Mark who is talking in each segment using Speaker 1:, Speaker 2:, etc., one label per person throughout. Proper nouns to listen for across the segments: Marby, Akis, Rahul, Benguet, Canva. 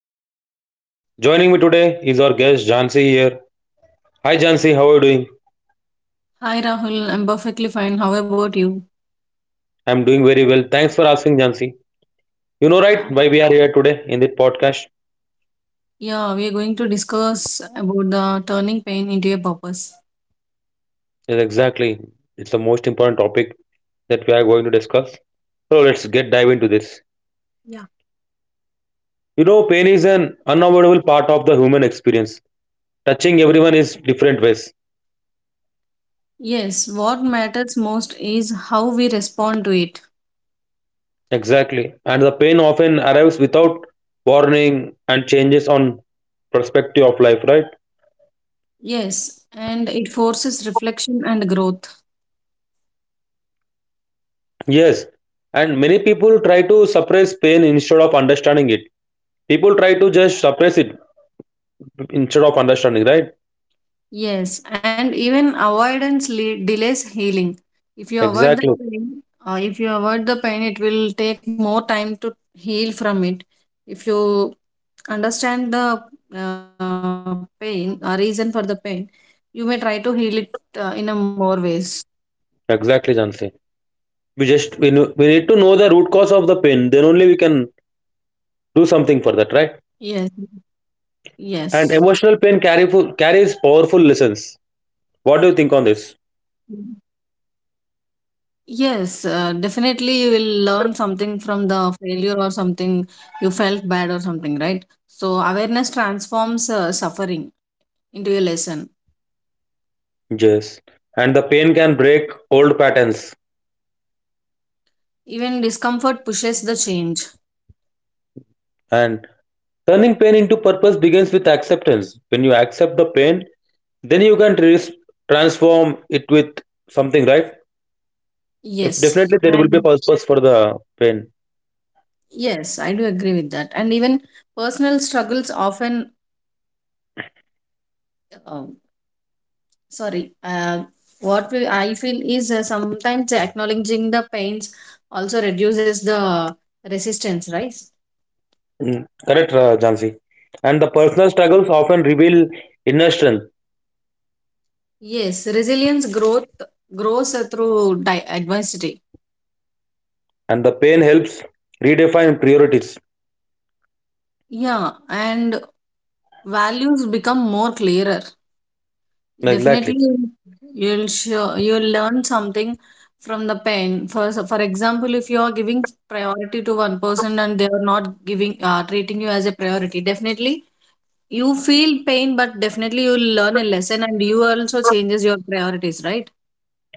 Speaker 1: purpose. Joining me today is our guest Jansi here. Hi Jansi, how are you doing?
Speaker 2: Hi Rahul, I'm perfectly fine. How about you?
Speaker 1: I'm doing very well. Thanks for asking Jansi. You know right
Speaker 2: Yeah.
Speaker 1: why we are here today in this podcast?
Speaker 2: Yeah, we are going to discuss about the turning pain into a purpose.
Speaker 1: Yes, exactly. It's the most important topic that we are going to discuss. So let's get dive into this.
Speaker 2: Yeah.
Speaker 1: You know, pain is an unavoidable part of the human experience touching everyone is different ways.
Speaker 2: Yes, what matters most is how we respond to it.
Speaker 1: Exactly. And the pain often arrives without warning and changes on perspective of life, right?
Speaker 2: Yes, and it forces reflection and growth.
Speaker 1: Yes. And many people try to suppress pain instead of understanding it. People try to just suppress it instead of understanding, right?
Speaker 2: Yes, and even avoidance delays healing. If you avoid
Speaker 1: Exactly.
Speaker 2: the pain, if you avoid the pain, it will take more time to heal from it. If you understand the pain, reason for the pain, you may try to heal it in a more ways.
Speaker 1: Exactly, Jansi. We we need to know the root cause of the pain. Then only we can do something for that,
Speaker 2: Yes,
Speaker 1: right?
Speaker 2: yes.
Speaker 1: And emotional pain carry, carries powerful lessons. What do you think on this?
Speaker 2: Mhm, yes. Definitely, you will learn something from the failure or something you felt bad or something, right? So awareness transforms suffering into a lesson.
Speaker 1: Yes. And the pain can break old patterns.
Speaker 2: Even discomfort pushes the change.
Speaker 1: And turning pain into purpose begins with acceptance. When you accept the pain, then you can transform it with something, right? If
Speaker 2: Yes.
Speaker 1: definitely there will be a
Speaker 2: And
Speaker 1: purpose for the pain.
Speaker 2: yes, I do agree with that. And even personal struggles often, uh, sorry, uh, what I feel is, sometimes acknowledging the pains also reduces the resistance, right?
Speaker 1: Mm, correct, Jansi. And the personal struggles often reveal inner strength,
Speaker 2: Yes, resilience growth grows through adversity.
Speaker 1: and the pain helps redefine priorities.
Speaker 2: Yeah, and values become more clearer. Definitely,
Speaker 1: Exactly.
Speaker 2: you'll learn something from the pain. For example, if you are giving priority to one person and they are not giving, treating you as a priority, definitely you feel pain, but definitely you'll learn a lesson and you also changes your priorities, right?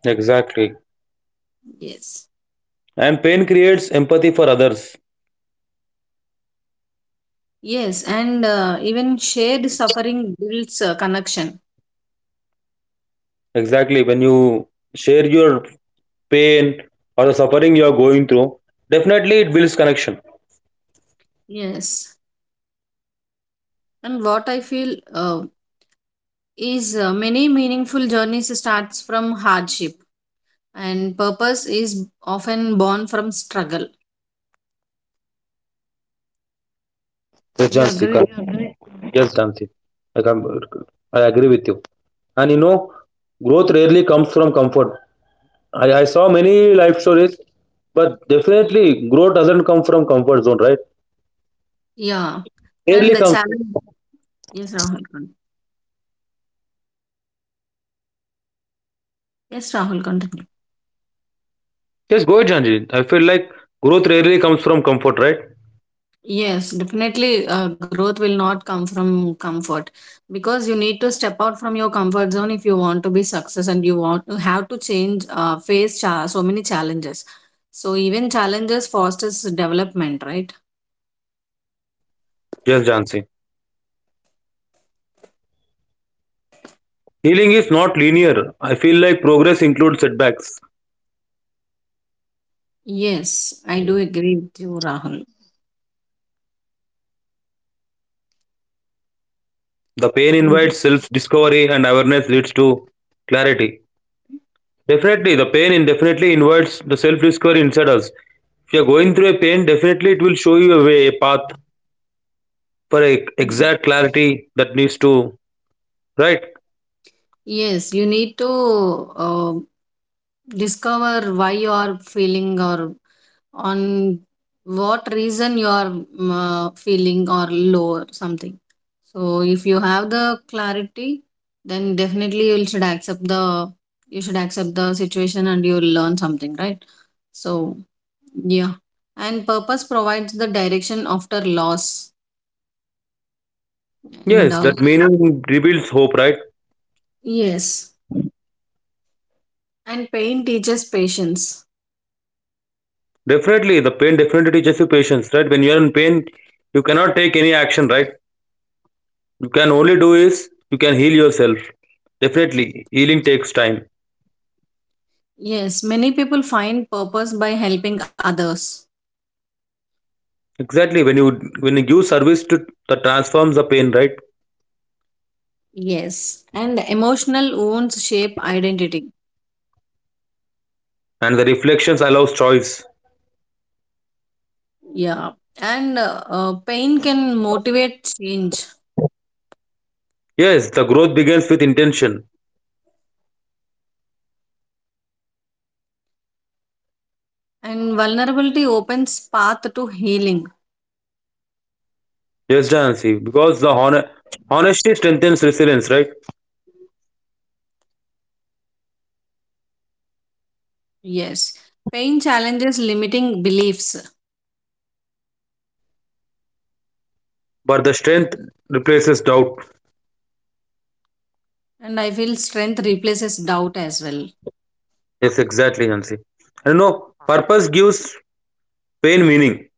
Speaker 1: Exactly.
Speaker 2: Yes.
Speaker 1: And pain creates empathy for others.
Speaker 2: Yes, and even shared suffering builds connection.
Speaker 1: Exactly. When you share your pain or the suffering you are going through, definitely it builds connection.
Speaker 2: Yes, and what I feel, is many meaningful journeys starts from hardship, and purpose is often born from struggle.
Speaker 1: The
Speaker 2: Do you
Speaker 1: John C.
Speaker 2: agree
Speaker 1: correct.
Speaker 2: with me?
Speaker 1: Yes, John, I com- I agree with you. And you know, growth rarely comes from comfort. I saw many life stories, but definitely growth doesn't come from comfort zone, right?
Speaker 2: Yeah, and
Speaker 1: Rarely
Speaker 2: the
Speaker 1: comes.
Speaker 2: challenge. Yes, Rahul. con- Yes, Rahul, continue.
Speaker 1: Yes, go ahead, Janji. I feel like growth rarely comes from comfort, right?
Speaker 2: Yes, definitely. Growth will not come from comfort because you need to step out from your comfort zone if you want to be success and you want to have to change, so many challenges. So even challenges fosters development, right?
Speaker 1: Yes, Jansi. Healing is not linear. I feel like progress includes setbacks.
Speaker 2: Yes, I do agree with you, Rahul.
Speaker 1: The pain invites self discovery, and awareness leads to clarity. Definitely, the pain indefinitely definitely invites the self discovery inside us. If you're going through a pain, definitely it will show you a way, a path for a
Speaker 2: Mm,
Speaker 1: exact clarity that needs to, right?
Speaker 2: yes, you need to, discover why you are feeling, or on what reason you are, feeling or low or something. So if you have the clarity, then definitely you should accept the situation and you'll learn something, right? So yeah, and purpose provides the direction after loss. and
Speaker 1: Yes,
Speaker 2: um,
Speaker 1: that meaning reveals hope, right?
Speaker 2: yes, and pain teaches patience.
Speaker 1: Definitely, the pain definitely teaches you patience, right? When you're in pain, you cannot take any action, right? You can only do is you can heal yourself. Definitely, healing takes time.
Speaker 2: Yes, many people find purpose by helping others.
Speaker 1: Exactly, when you give service to that transforms the pain, right?
Speaker 2: Yes, and emotional wounds shape identity.
Speaker 1: And the reflections allows choice.
Speaker 2: Yeah, and pain can motivate change,
Speaker 1: Yes, the growth begins with intention.
Speaker 2: and vulnerability opens path to healing.
Speaker 1: Yes, Jansi, because the honesty strengthens resilience, right?
Speaker 2: Yes, pain challenges limiting beliefs,
Speaker 1: But the strength replaces doubt.
Speaker 2: and I feel strength replaces doubt as well.
Speaker 1: Yes, exactly, Jansi. And you know, purpose gives pain meaning.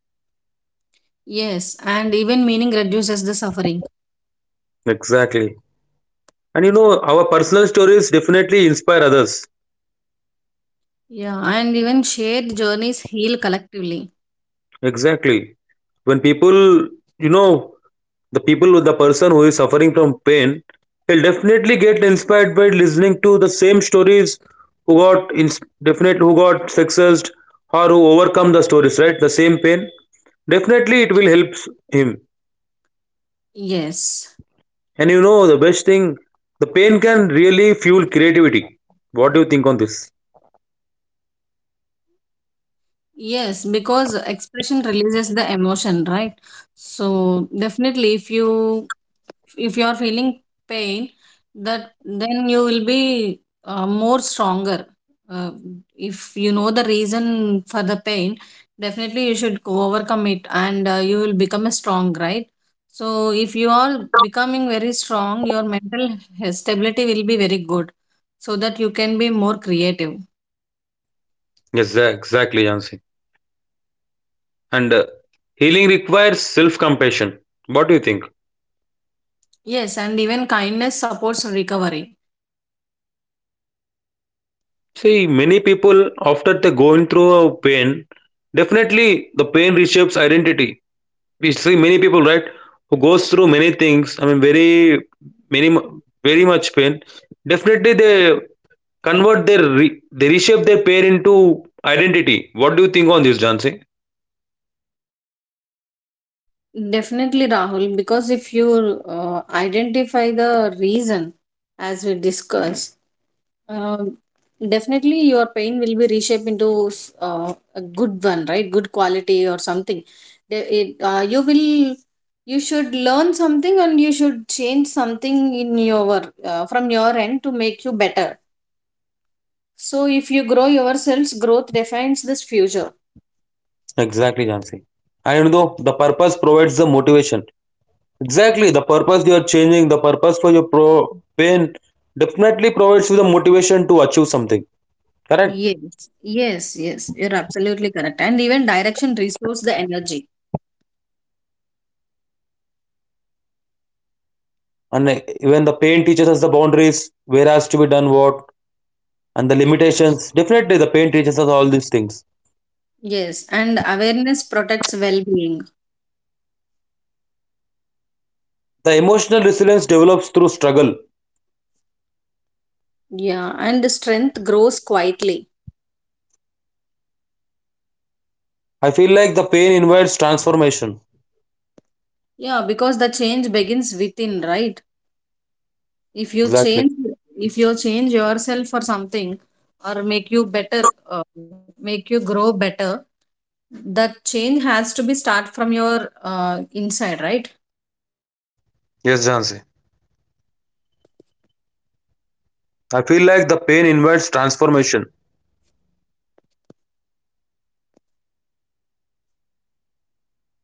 Speaker 2: Yes, and even meaning reduces the suffering.
Speaker 1: Exactly. And you know, our personal stories definitely inspire others.
Speaker 2: Yeah, and even shared journeys heal collectively.
Speaker 1: Exactly. When people, you know, the person who is suffering from pain, he'll definitely get inspired by listening to the same stories who got definite who got successed or who overcome the stories, right? The same pain. Definitely, it will help him.
Speaker 2: Yes.
Speaker 1: And you know, the best thing, the pain can really fuel creativity. What do you think on this?
Speaker 2: Yes, because expression releases the emotion, right? So definitely if you are feeling pain, that then you will be, more stronger. Uh, if you know the reason for the pain, definitely you should go overcome it and, you will become a strong, right? So if you are becoming very strong, your mental stability will be very good so that you can be more creative.
Speaker 1: Yes, exactly, Jansi. And healing requires self-compassion. What do you think?
Speaker 2: Yes, and even kindness supports recovery.
Speaker 1: See, many people after they going through a pain, definitely the pain reshapes identity. We see many people, right, who goes through many things. I mean, very many, very much pain. Definitely, they they reshape their pain into identity. What do you think on this, Jansi?
Speaker 2: Definitely, Rahul, because if you, identify the reason, as we discussed, um definitely your pain will be reshaped into, a good one, right? Good quality or something. The- It, uh, you will, you should learn something and you should change something in your, from your end to make you better. So if you grow yourselves, growth defines this future.
Speaker 1: Exactly, Jansi. And though the purpose provides the motivation. Exactly, the purpose for your pro pain definitely provides you the motivation to achieve something. Correct?
Speaker 2: Yes, yes, yes. You're absolutely correct. And even direction restores the energy.
Speaker 1: And even the pain teaches us the boundaries where has to be done what, and the limitations definitely the pain teaches us all these things.
Speaker 2: Yes, and awareness protects well being.
Speaker 1: The emotional resilience develops through struggle.
Speaker 2: Yeah, and the strength grows quietly.
Speaker 1: I feel like the pain invites transformation.
Speaker 2: Yeah, because the change begins within, right? If you
Speaker 1: Exactly.
Speaker 2: change, if you change yourself for something or make you better, make you grow better, that change has to be start from your, inside, right?
Speaker 1: Yes, Jansi, I feel like the pain invites transformation.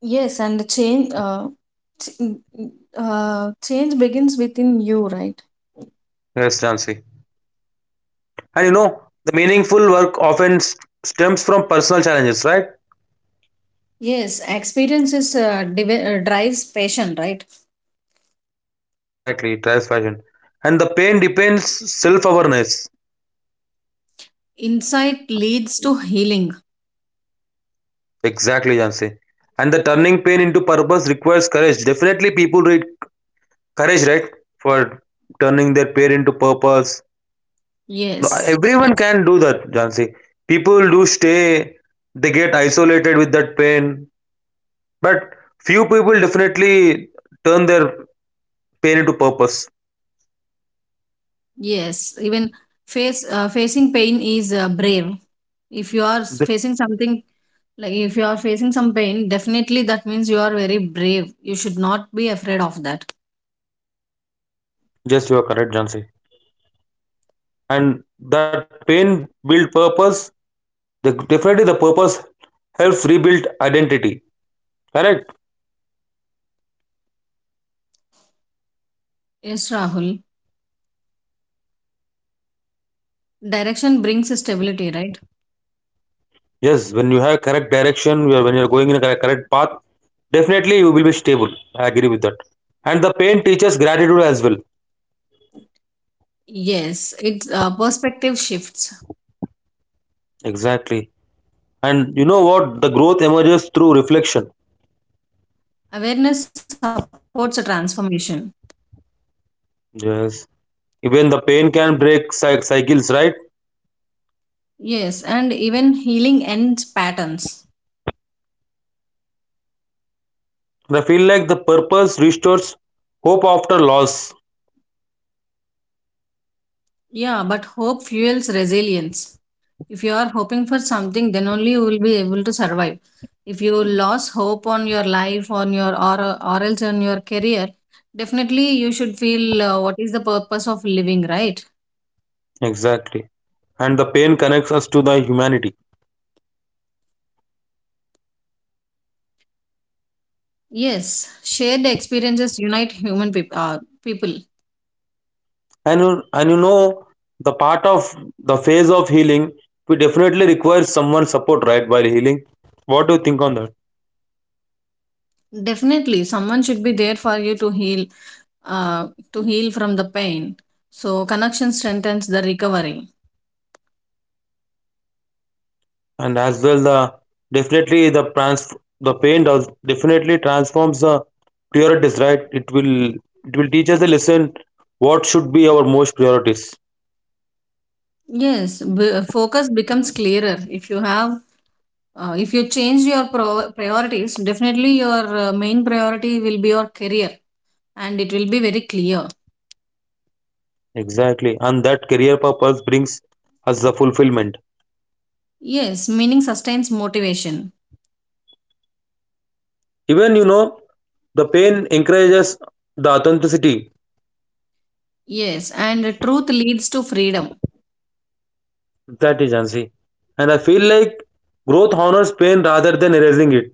Speaker 2: Yes, and the change, ch- change begins within you, right?
Speaker 1: Yes, Jansi. And you know, the meaningful work often stems from personal challenges, right?
Speaker 2: Yes, experiences, drives passion, right?
Speaker 1: Exactly, it drives passion. And the pain depends self-awareness.
Speaker 2: Insight leads to healing.
Speaker 1: Exactly, Jansi. And the turning pain into purpose requires courage. Definitely, people need courage, right? For turning their pain into purpose. No,
Speaker 2: Yes.
Speaker 1: everyone can do that, Jansi. People do stay, they get isolated with that pain. But few people definitely turn their pain into purpose.
Speaker 2: Yes, even face facing pain is, brave. If you are s-
Speaker 1: Ju-
Speaker 2: facing something, like, if you are facing some pain, definitely that means you are very brave, you should not be afraid of that.
Speaker 1: Yes, you are correct, Jansi. And that pain build purpose. The, definitely, the purpose helps rebuild identity. Correct?
Speaker 2: Yes, Rahul, direction brings stability, right?
Speaker 1: Yes, when you have correct direction, when you are going in a correct path, definitely you will be stable. I agree with that. And the pain teaches gratitude as well.
Speaker 2: Yes, it's, perspective shifts.
Speaker 1: Exactly. And you know what? The growth emerges through reflection.
Speaker 2: Awareness supports a transformation.
Speaker 1: Yes. Even the pain can break cycles, right?
Speaker 2: Yes, and even healing ends patterns.
Speaker 1: And I feel like the purpose restores hope after loss.
Speaker 2: Yeah, but hope fuels resilience. If you are hoping for something, then only you will be able to survive. If you lose hope on your life, on your or else on your career, definitely you should feel, what is the purpose of living, right?
Speaker 1: Exactly. And the pain connects us to the humanity.
Speaker 2: Yes, shared experiences unite human people.
Speaker 1: And you, and you know the part of the phase of healing, we definitely require someone support right while healing. What do you think on that?
Speaker 2: Definitely, someone should be there for you uh, to heal from the pain. So connection strengthens the recovery.
Speaker 1: And as well definitely the trans the pain does definitely transforms the priorities, right? It will teach us a lesson what should be our most priorities.
Speaker 2: Yes, focus becomes clearer if you have, if you change your priorities, definitely your, main priority will be your career, and it will be very clear.
Speaker 1: Exactly, and that career purpose brings us the fulfillment.
Speaker 2: Yes, meaning sustains motivation.
Speaker 1: Even you know, the pain encourages the authenticity.
Speaker 2: Yes, and truth leads to freedom.
Speaker 1: That is Jhansi. And I feel like growth honors pain rather than erasing it.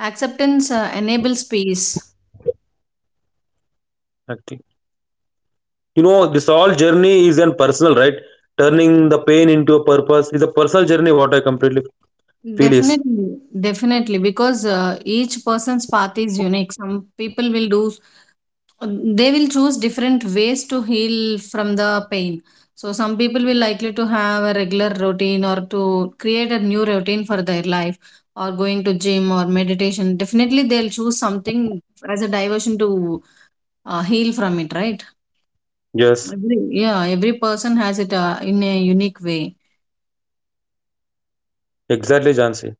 Speaker 2: Acceptance enables peace.
Speaker 1: Actually. You know, this all journey is an personal, right? Turning the pain into a purpose is a personal journey, what I completely feel is.
Speaker 2: Definitely, definitely, because, each person's path is unique. Some people will do, they will choose different ways to heal from the pain. So some people will likely to have a regular routine, or to create a new routine for their life, or going to gym or meditation. Definitely they'll choose something as a diversion to, heal from it, right?
Speaker 1: Yes,
Speaker 2: Yeah, every person has it, in a unique way.
Speaker 1: exactly, Jansi.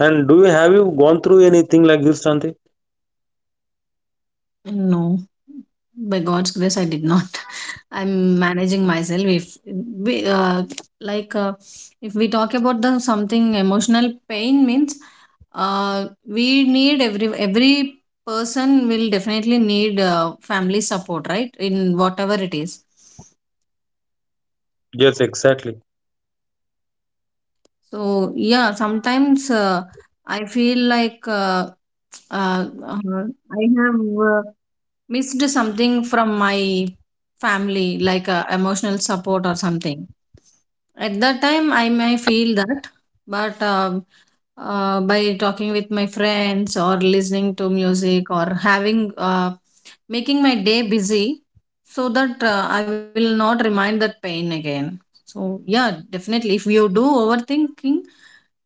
Speaker 1: And do you have you gone through anything like this, Shanti?
Speaker 2: No, by God's grace, I did not. I'm managing myself. If we, like, uh, if we talk about the something emotional pain means, we need every person will definitely need, family support, right? In whatever it is.
Speaker 1: Yes, exactly.
Speaker 2: So yeah, sometimes, I feel like, uh, uh, I have, missed something from my family, like, emotional support or something. At that time, I may feel that, but, by talking with my friends or listening to music or having, making my day busy so that, I will not remind that pain again. So yeah, definitely if you do overthinking,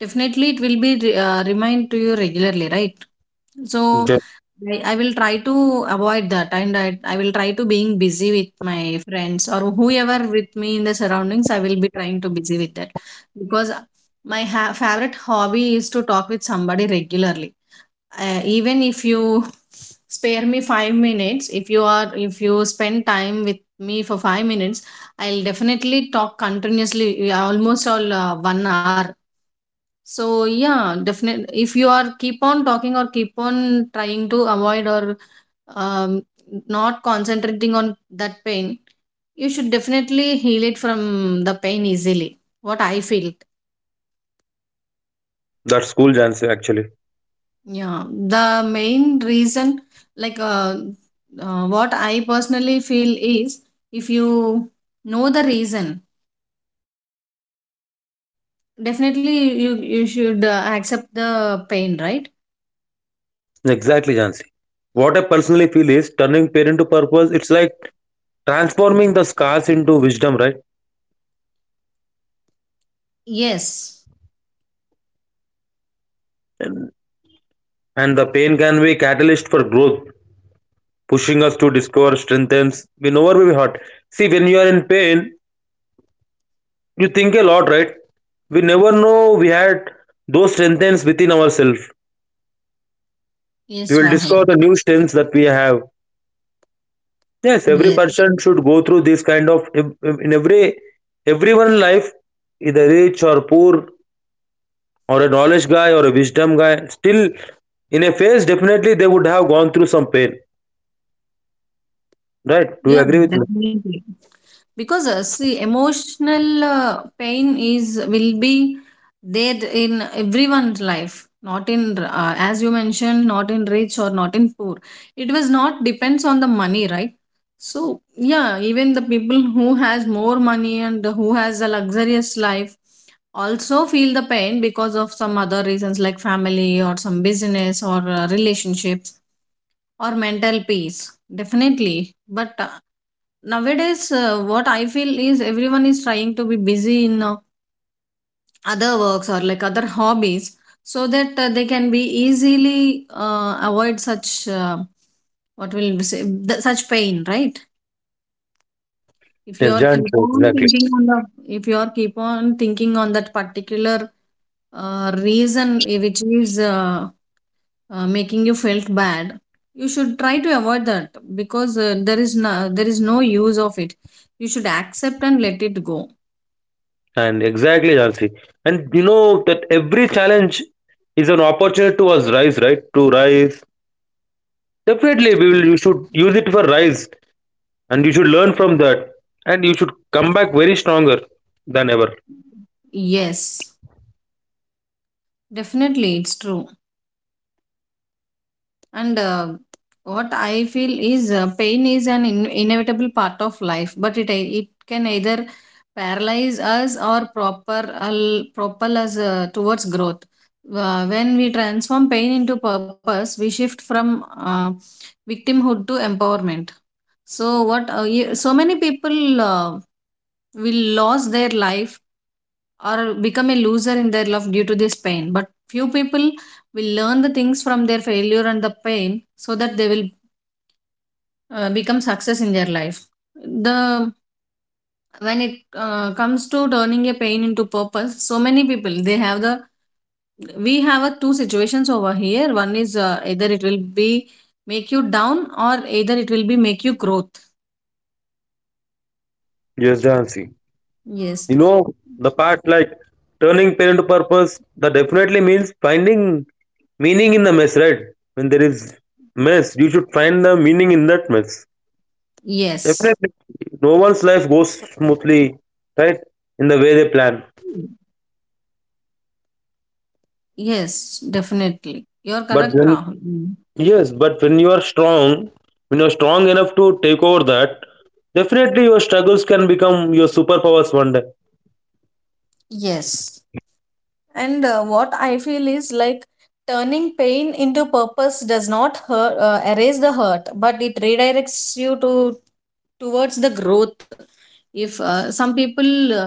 Speaker 2: definitely it will be, remind to you regularly, right? So
Speaker 1: Yes.
Speaker 2: I will try to avoid that and I will try to being busy with my friends or whoever with me in the surroundings. I will be trying to busy with that because my favorite hobby is to talk with somebody regularly. Even if you spare me 5 minutes, if you spend time with me for 5 minutes, I'll definitely talk continuously. Yeah, almost all 1 hour. So yeah, definitely if you are keep on talking or keep on trying to avoid, or um, not concentrating on that pain, you should definitely heal it from the pain easily. What I feel.
Speaker 1: That's cool, Jansi, actually.
Speaker 2: Yeah, the main reason, like, uh, what I personally feel is if you know the reason, definitely you should, accept the pain, right?
Speaker 1: Exactly, Jansi. What I personally feel is turning pain into purpose, it's like transforming the scars into wisdom, right?
Speaker 2: Yes,
Speaker 1: And the pain can be catalyst for growth pushing us to discover, strengthens. We never will be hurt. See, when you are in pain, you think a lot, right? We never know we had those strengthens within ourselves.
Speaker 2: yes,
Speaker 1: We will
Speaker 2: Rahul.
Speaker 1: discover the new strengths that we have. Yes, every
Speaker 2: Yes,
Speaker 1: person should go through this kind of in every everyone life, either rich or poor, or a knowledge guy or a wisdom guy. Still, in a phase, definitely they would have gone through some pain, right? Do you
Speaker 2: yeah,
Speaker 1: agree with me?
Speaker 2: definitely. Because, see, emotional pain is will be there in everyone's life. Not in, as you mentioned, not in rich or not in poor. It was not depends on the money, right? So yeah, even the people who has more money and who has a luxurious life also feel the pain because of some other reasons, like family or some business or, relationships or mental peace. Definitely. But, nowadays what I feel is everyone is trying to be busy in, other works or like other hobbies, so that, they can be easily, avoid such, what will we say, such pain, right? if you
Speaker 1: Yes,
Speaker 2: are
Speaker 1: Jan,
Speaker 2: keep
Speaker 1: sure,
Speaker 2: on
Speaker 1: exactly.
Speaker 2: thinking on the If you are keep on thinking on that particular, reason, which is making you felt bad, you should try to avoid that because, there is no use of it. You should accept and let it go.
Speaker 1: And exactly, Jansi. And you know that every challenge is an opportunity to us rise, right? To rise. Definitely, we will. You should use it for rise, and you should learn from that, and you should come back very stronger than ever.
Speaker 2: Yes, definitely, it's true. And, what I feel is, pain is an inevitable part of life, but it can either paralyze us or propel us, towards growth. When we transform pain into purpose, we shift from, victimhood to empowerment. So what? So many people, will lose their life or become a loser in their love due to this pain. But few people will learn the things from their failure and the pain, so that they will, become success in their life. The When it, comes to turning a pain into purpose, so many people they have the we have a two situations over here. One is, either it will be make you down, or either it will be make you growth.
Speaker 1: Yes, Jansi.
Speaker 2: Yes,
Speaker 1: You know the part like turning pain into purpose. That definitely means finding meaning in the mess, right? When there is mess, you should find the meaning in that mess.
Speaker 2: yes,
Speaker 1: Definitely, no one's life goes smoothly, right? In the way they plan.
Speaker 2: yes, definitely. You're
Speaker 1: But
Speaker 2: correct,
Speaker 1: when
Speaker 2: Rahul. Mm.
Speaker 1: yes, but when you are strong, when you're strong enough to take over that, definitely your struggles can become your superpowers one day.
Speaker 2: Yes. And, what I feel is like turning pain into purpose does not erase the hurt, but it redirects you to towards the growth. If some people, uh,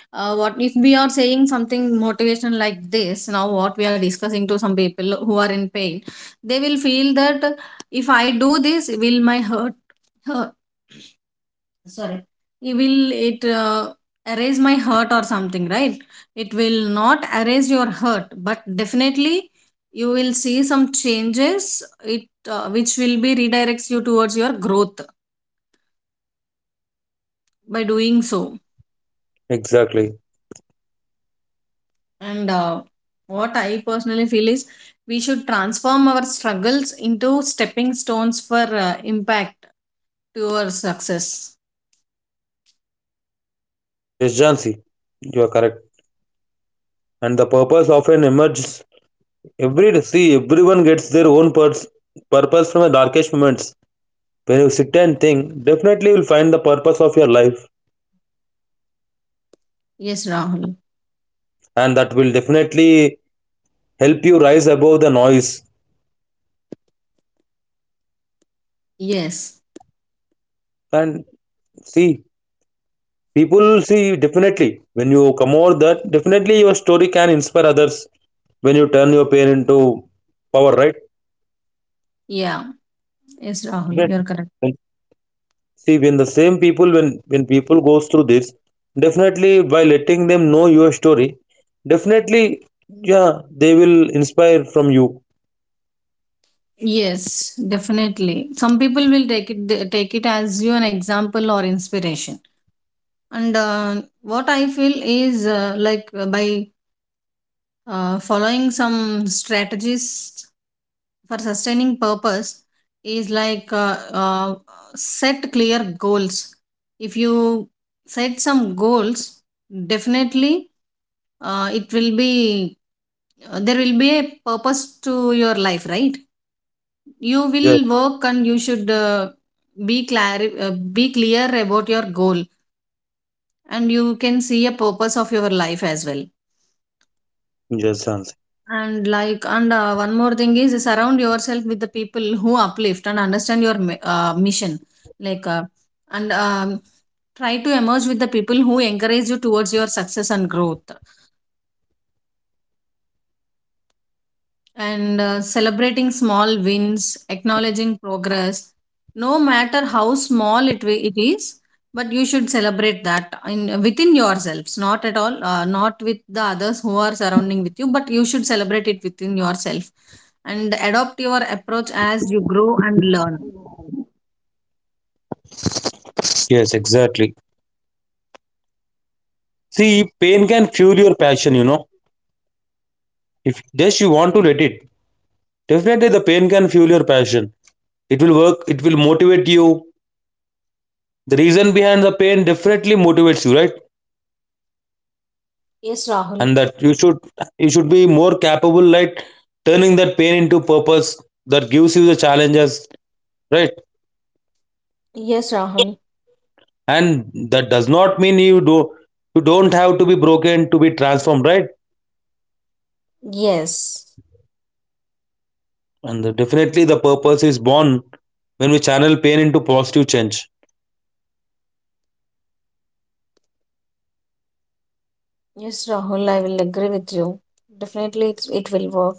Speaker 2: uh, what if we are saying something motivational like this now, what we are discussing to some people who are in pain, they will feel that if I do this, will my hurt? Sorry, it will it erase my hurt or something, right? It will not erase your hurt, but definitely you will see some changes. It Which will be redirects you towards your growth by doing so.
Speaker 1: Exactly.
Speaker 2: And what I personally feel is we should transform our struggles into stepping stones for impact to our success.
Speaker 1: Yes, Jansi, you are correct. And the purpose often emerges every day. See, everyone gets their own purpose from the darkest moments. When you sit and think, definitely you'll find the purpose of your life,
Speaker 2: Yes, Rahul.
Speaker 1: and that will definitely help you rise above the noise.
Speaker 2: Yes.
Speaker 1: And see, people see definitely when you come over that, definitely your story can inspire others when you turn your pain into power, right?
Speaker 2: Yeah. Yes, Rahul, you're
Speaker 1: Definitely.
Speaker 2: correct.
Speaker 1: And see, when the same people when people goes through this, definitely by letting them know your story, definitely yeah they will inspire from you.
Speaker 2: Yes, definitely. Some people will take take it as you an example or inspiration. And what I feel is like by following some strategies for sustaining purpose is like set clear goals. If you set some goals, definitely it will be there will be a purpose to your life, right? You
Speaker 1: Yeah.
Speaker 2: will work and you should be clear, be clear about your goal, and you can see a purpose of your life as well.
Speaker 1: Yes, Hansi.
Speaker 2: And one more thing is surround yourself with the people who uplift and understand your mission, like, and try to emerge with the people who encourage you towards your success and growth. And celebrating small wins, acknowledging progress, no matter how it is, but you should celebrate that in within yourselves, not at all, not with the others who are surrounding with you, but you should celebrate it within yourself, and adopt your approach as you grow and learn.
Speaker 1: Yes, exactly. See, pain can fuel your passion, you know, if just you want to let it. Definitely, the pain can fuel your passion. It will work, it will motivate you. The reason behind the pain definitely motivates you, right?
Speaker 2: Yes, Rahul.
Speaker 1: And that you should be more capable, like turning that pain into purpose that gives you the challenges, right?
Speaker 2: Yes, Rahul.
Speaker 1: And that does not mean you don't have to be broken to be transformed, right?
Speaker 2: Yes.
Speaker 1: And the- definitely the purpose is born when we channel pain into positive change.
Speaker 2: Yes, Rahul, I will agree with you. Definitely it's, it will work.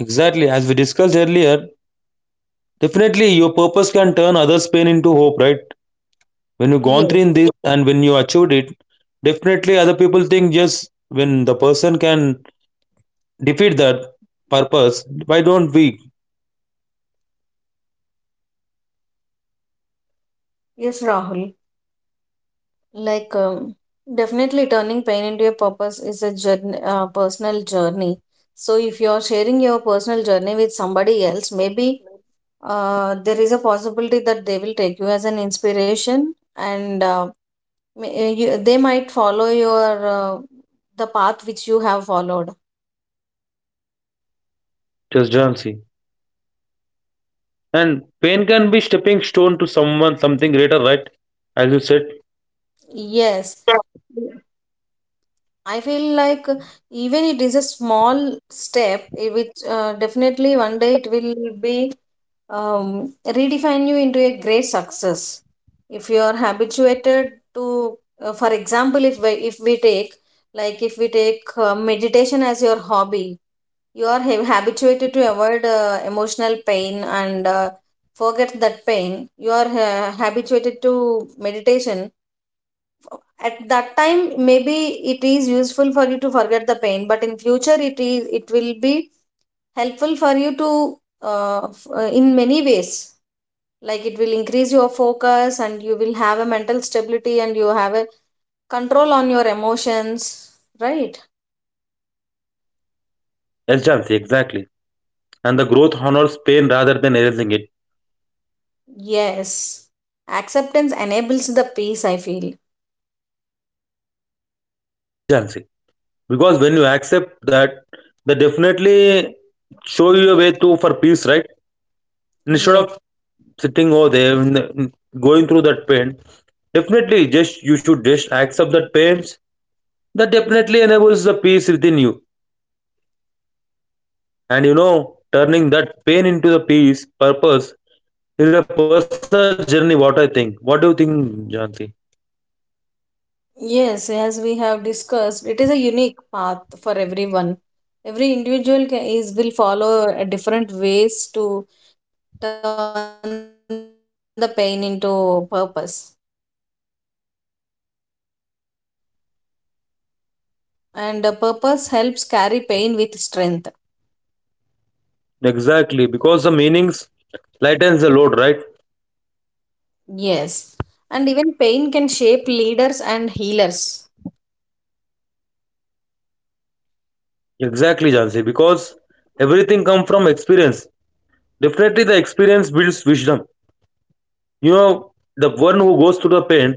Speaker 1: Exactly, as we discussed earlier, definitely your purpose can turn others' pain into hope, right? When you gone through
Speaker 2: Yes.
Speaker 1: in this and when you achieved it, definitely other people think just when the person can defeat that purpose, why don't we
Speaker 2: Yes, Rahul. Like, definitely turning pain into a purpose is a journey, personal journey. So, if you are sharing your personal journey with somebody else, maybe there is a possibility that they will take you as an inspiration, and you, they might follow your the path which you have followed.
Speaker 1: just join see. And pain can be stepping stone to someone something greater, right? As you said.
Speaker 2: Yes. Yeah. I feel like, even it is a small step, it which definitely one day it will be, redefine you into a great success if you are habituated to, for example, if we take, like, if we take meditation as your hobby, you are habituated to avoid emotional pain, and forget that pain. You are habituated to meditation. At that time, maybe it is useful for you to forget the pain, but in future it will be helpful for you to in many ways, like it will increase your focus, and you will have a mental stability, and you have a control on your emotions, right?
Speaker 1: Yes, Jansi, exactly. And the growth honors pain rather than erasing it.
Speaker 2: Yes, acceptance enables the peace, I feel.
Speaker 1: Yes, Jansi, because when you accept that, they definitely show you a way to for peace, right? Instead
Speaker 2: Yes.
Speaker 1: of sitting over there and going through that pain, definitely just you should just accept that pains. That definitely enables the peace within you. And you know, turning that pain into the peace, purpose is a personal journey. What I think. What do you think, Jansi?
Speaker 2: Yes, as we have discussed, it is a unique path for everyone. Every individual ca- is will follow a different ways to turn the pain into purpose. And purpose helps carry pain with strength.
Speaker 1: Exactly, because the meanings lightens the load, right?
Speaker 2: Yes, and even pain can shape leaders and healers.
Speaker 1: Exactly, Jansi. Because everything comes from experience. Definitely, the experience builds wisdom. You know, the one who goes through the pain,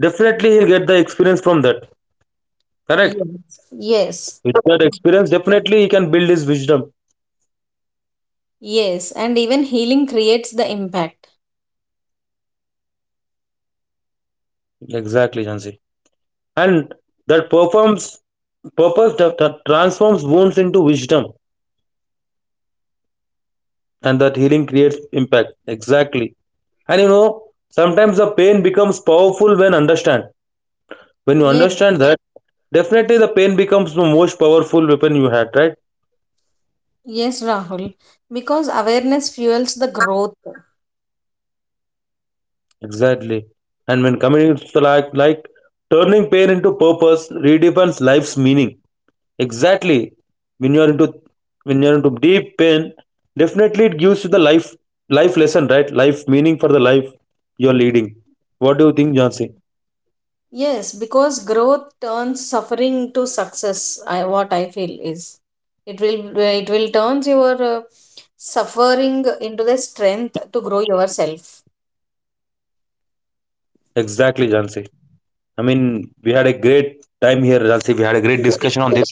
Speaker 1: definitely he'll get the experience from that. Correct?
Speaker 2: Yes, yes,
Speaker 1: With that experience definitely he can build his wisdom.
Speaker 2: yes, and even healing creates the impact.
Speaker 1: Exactly, Jansi. And that performs purpose that transforms wounds into wisdom, and that healing creates impact. Exactly. And you know, sometimes the pain becomes powerful when you
Speaker 2: Yes,
Speaker 1: understand that, definitely the pain becomes the most powerful weapon you had, right?
Speaker 2: yes, Rahul, because awareness fuels the growth.
Speaker 1: Exactly. And when communities like turning pain into purpose redefines life's meaning. Exactly. When you're into when you're into deep pain, definitely it gives you the life lesson, right? Life meaning for the life you're leading. What do you think, Jansi?
Speaker 2: Yes, because growth turns suffering to success. I, what I feel is it will turns your suffering into the strength to grow yourself.
Speaker 1: Exactly, Jansi. I mean, we had a great time here, Jansi. We had a great discussion on this.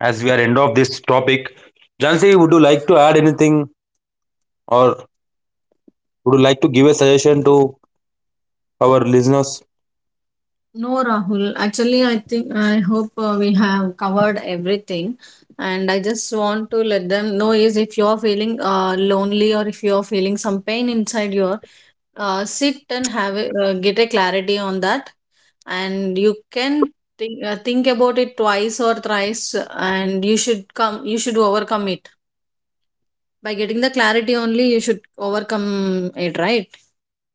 Speaker 1: As we are end of this topic, Jansi, would you like to add anything, or would you like to give a suggestion to our listeners?
Speaker 2: No, Rahul. Actually, I think I hope we have covered everything. And I just want to let them know is if you are feeling lonely, or if you are feeling some pain inside your sit and have a, get a clarity on that. And you can think about it twice or thrice, and you should overcome it. By getting the clarity only you should overcome it, right?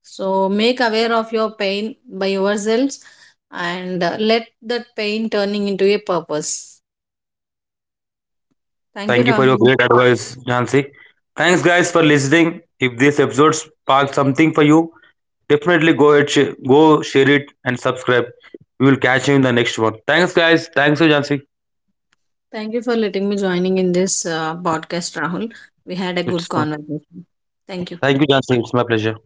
Speaker 2: So make aware of your pain by yourselves, and let that pain turning into a purpose. Thank
Speaker 1: Thank
Speaker 2: you,
Speaker 1: you for your
Speaker 2: Rahul.
Speaker 1: great advice, Jansi. Thanks, guys, for listening. If this episode sparked something for you, definitely go ahead, go share it, and subscribe. We will catch you in the next one. Thanks, guys. Thanks, Jansi.
Speaker 2: Thank you for letting me joining in this podcast, Rahul. We had a good
Speaker 1: It's
Speaker 2: conversation. Thank you.
Speaker 1: thank you, Jansi. It's my pleasure.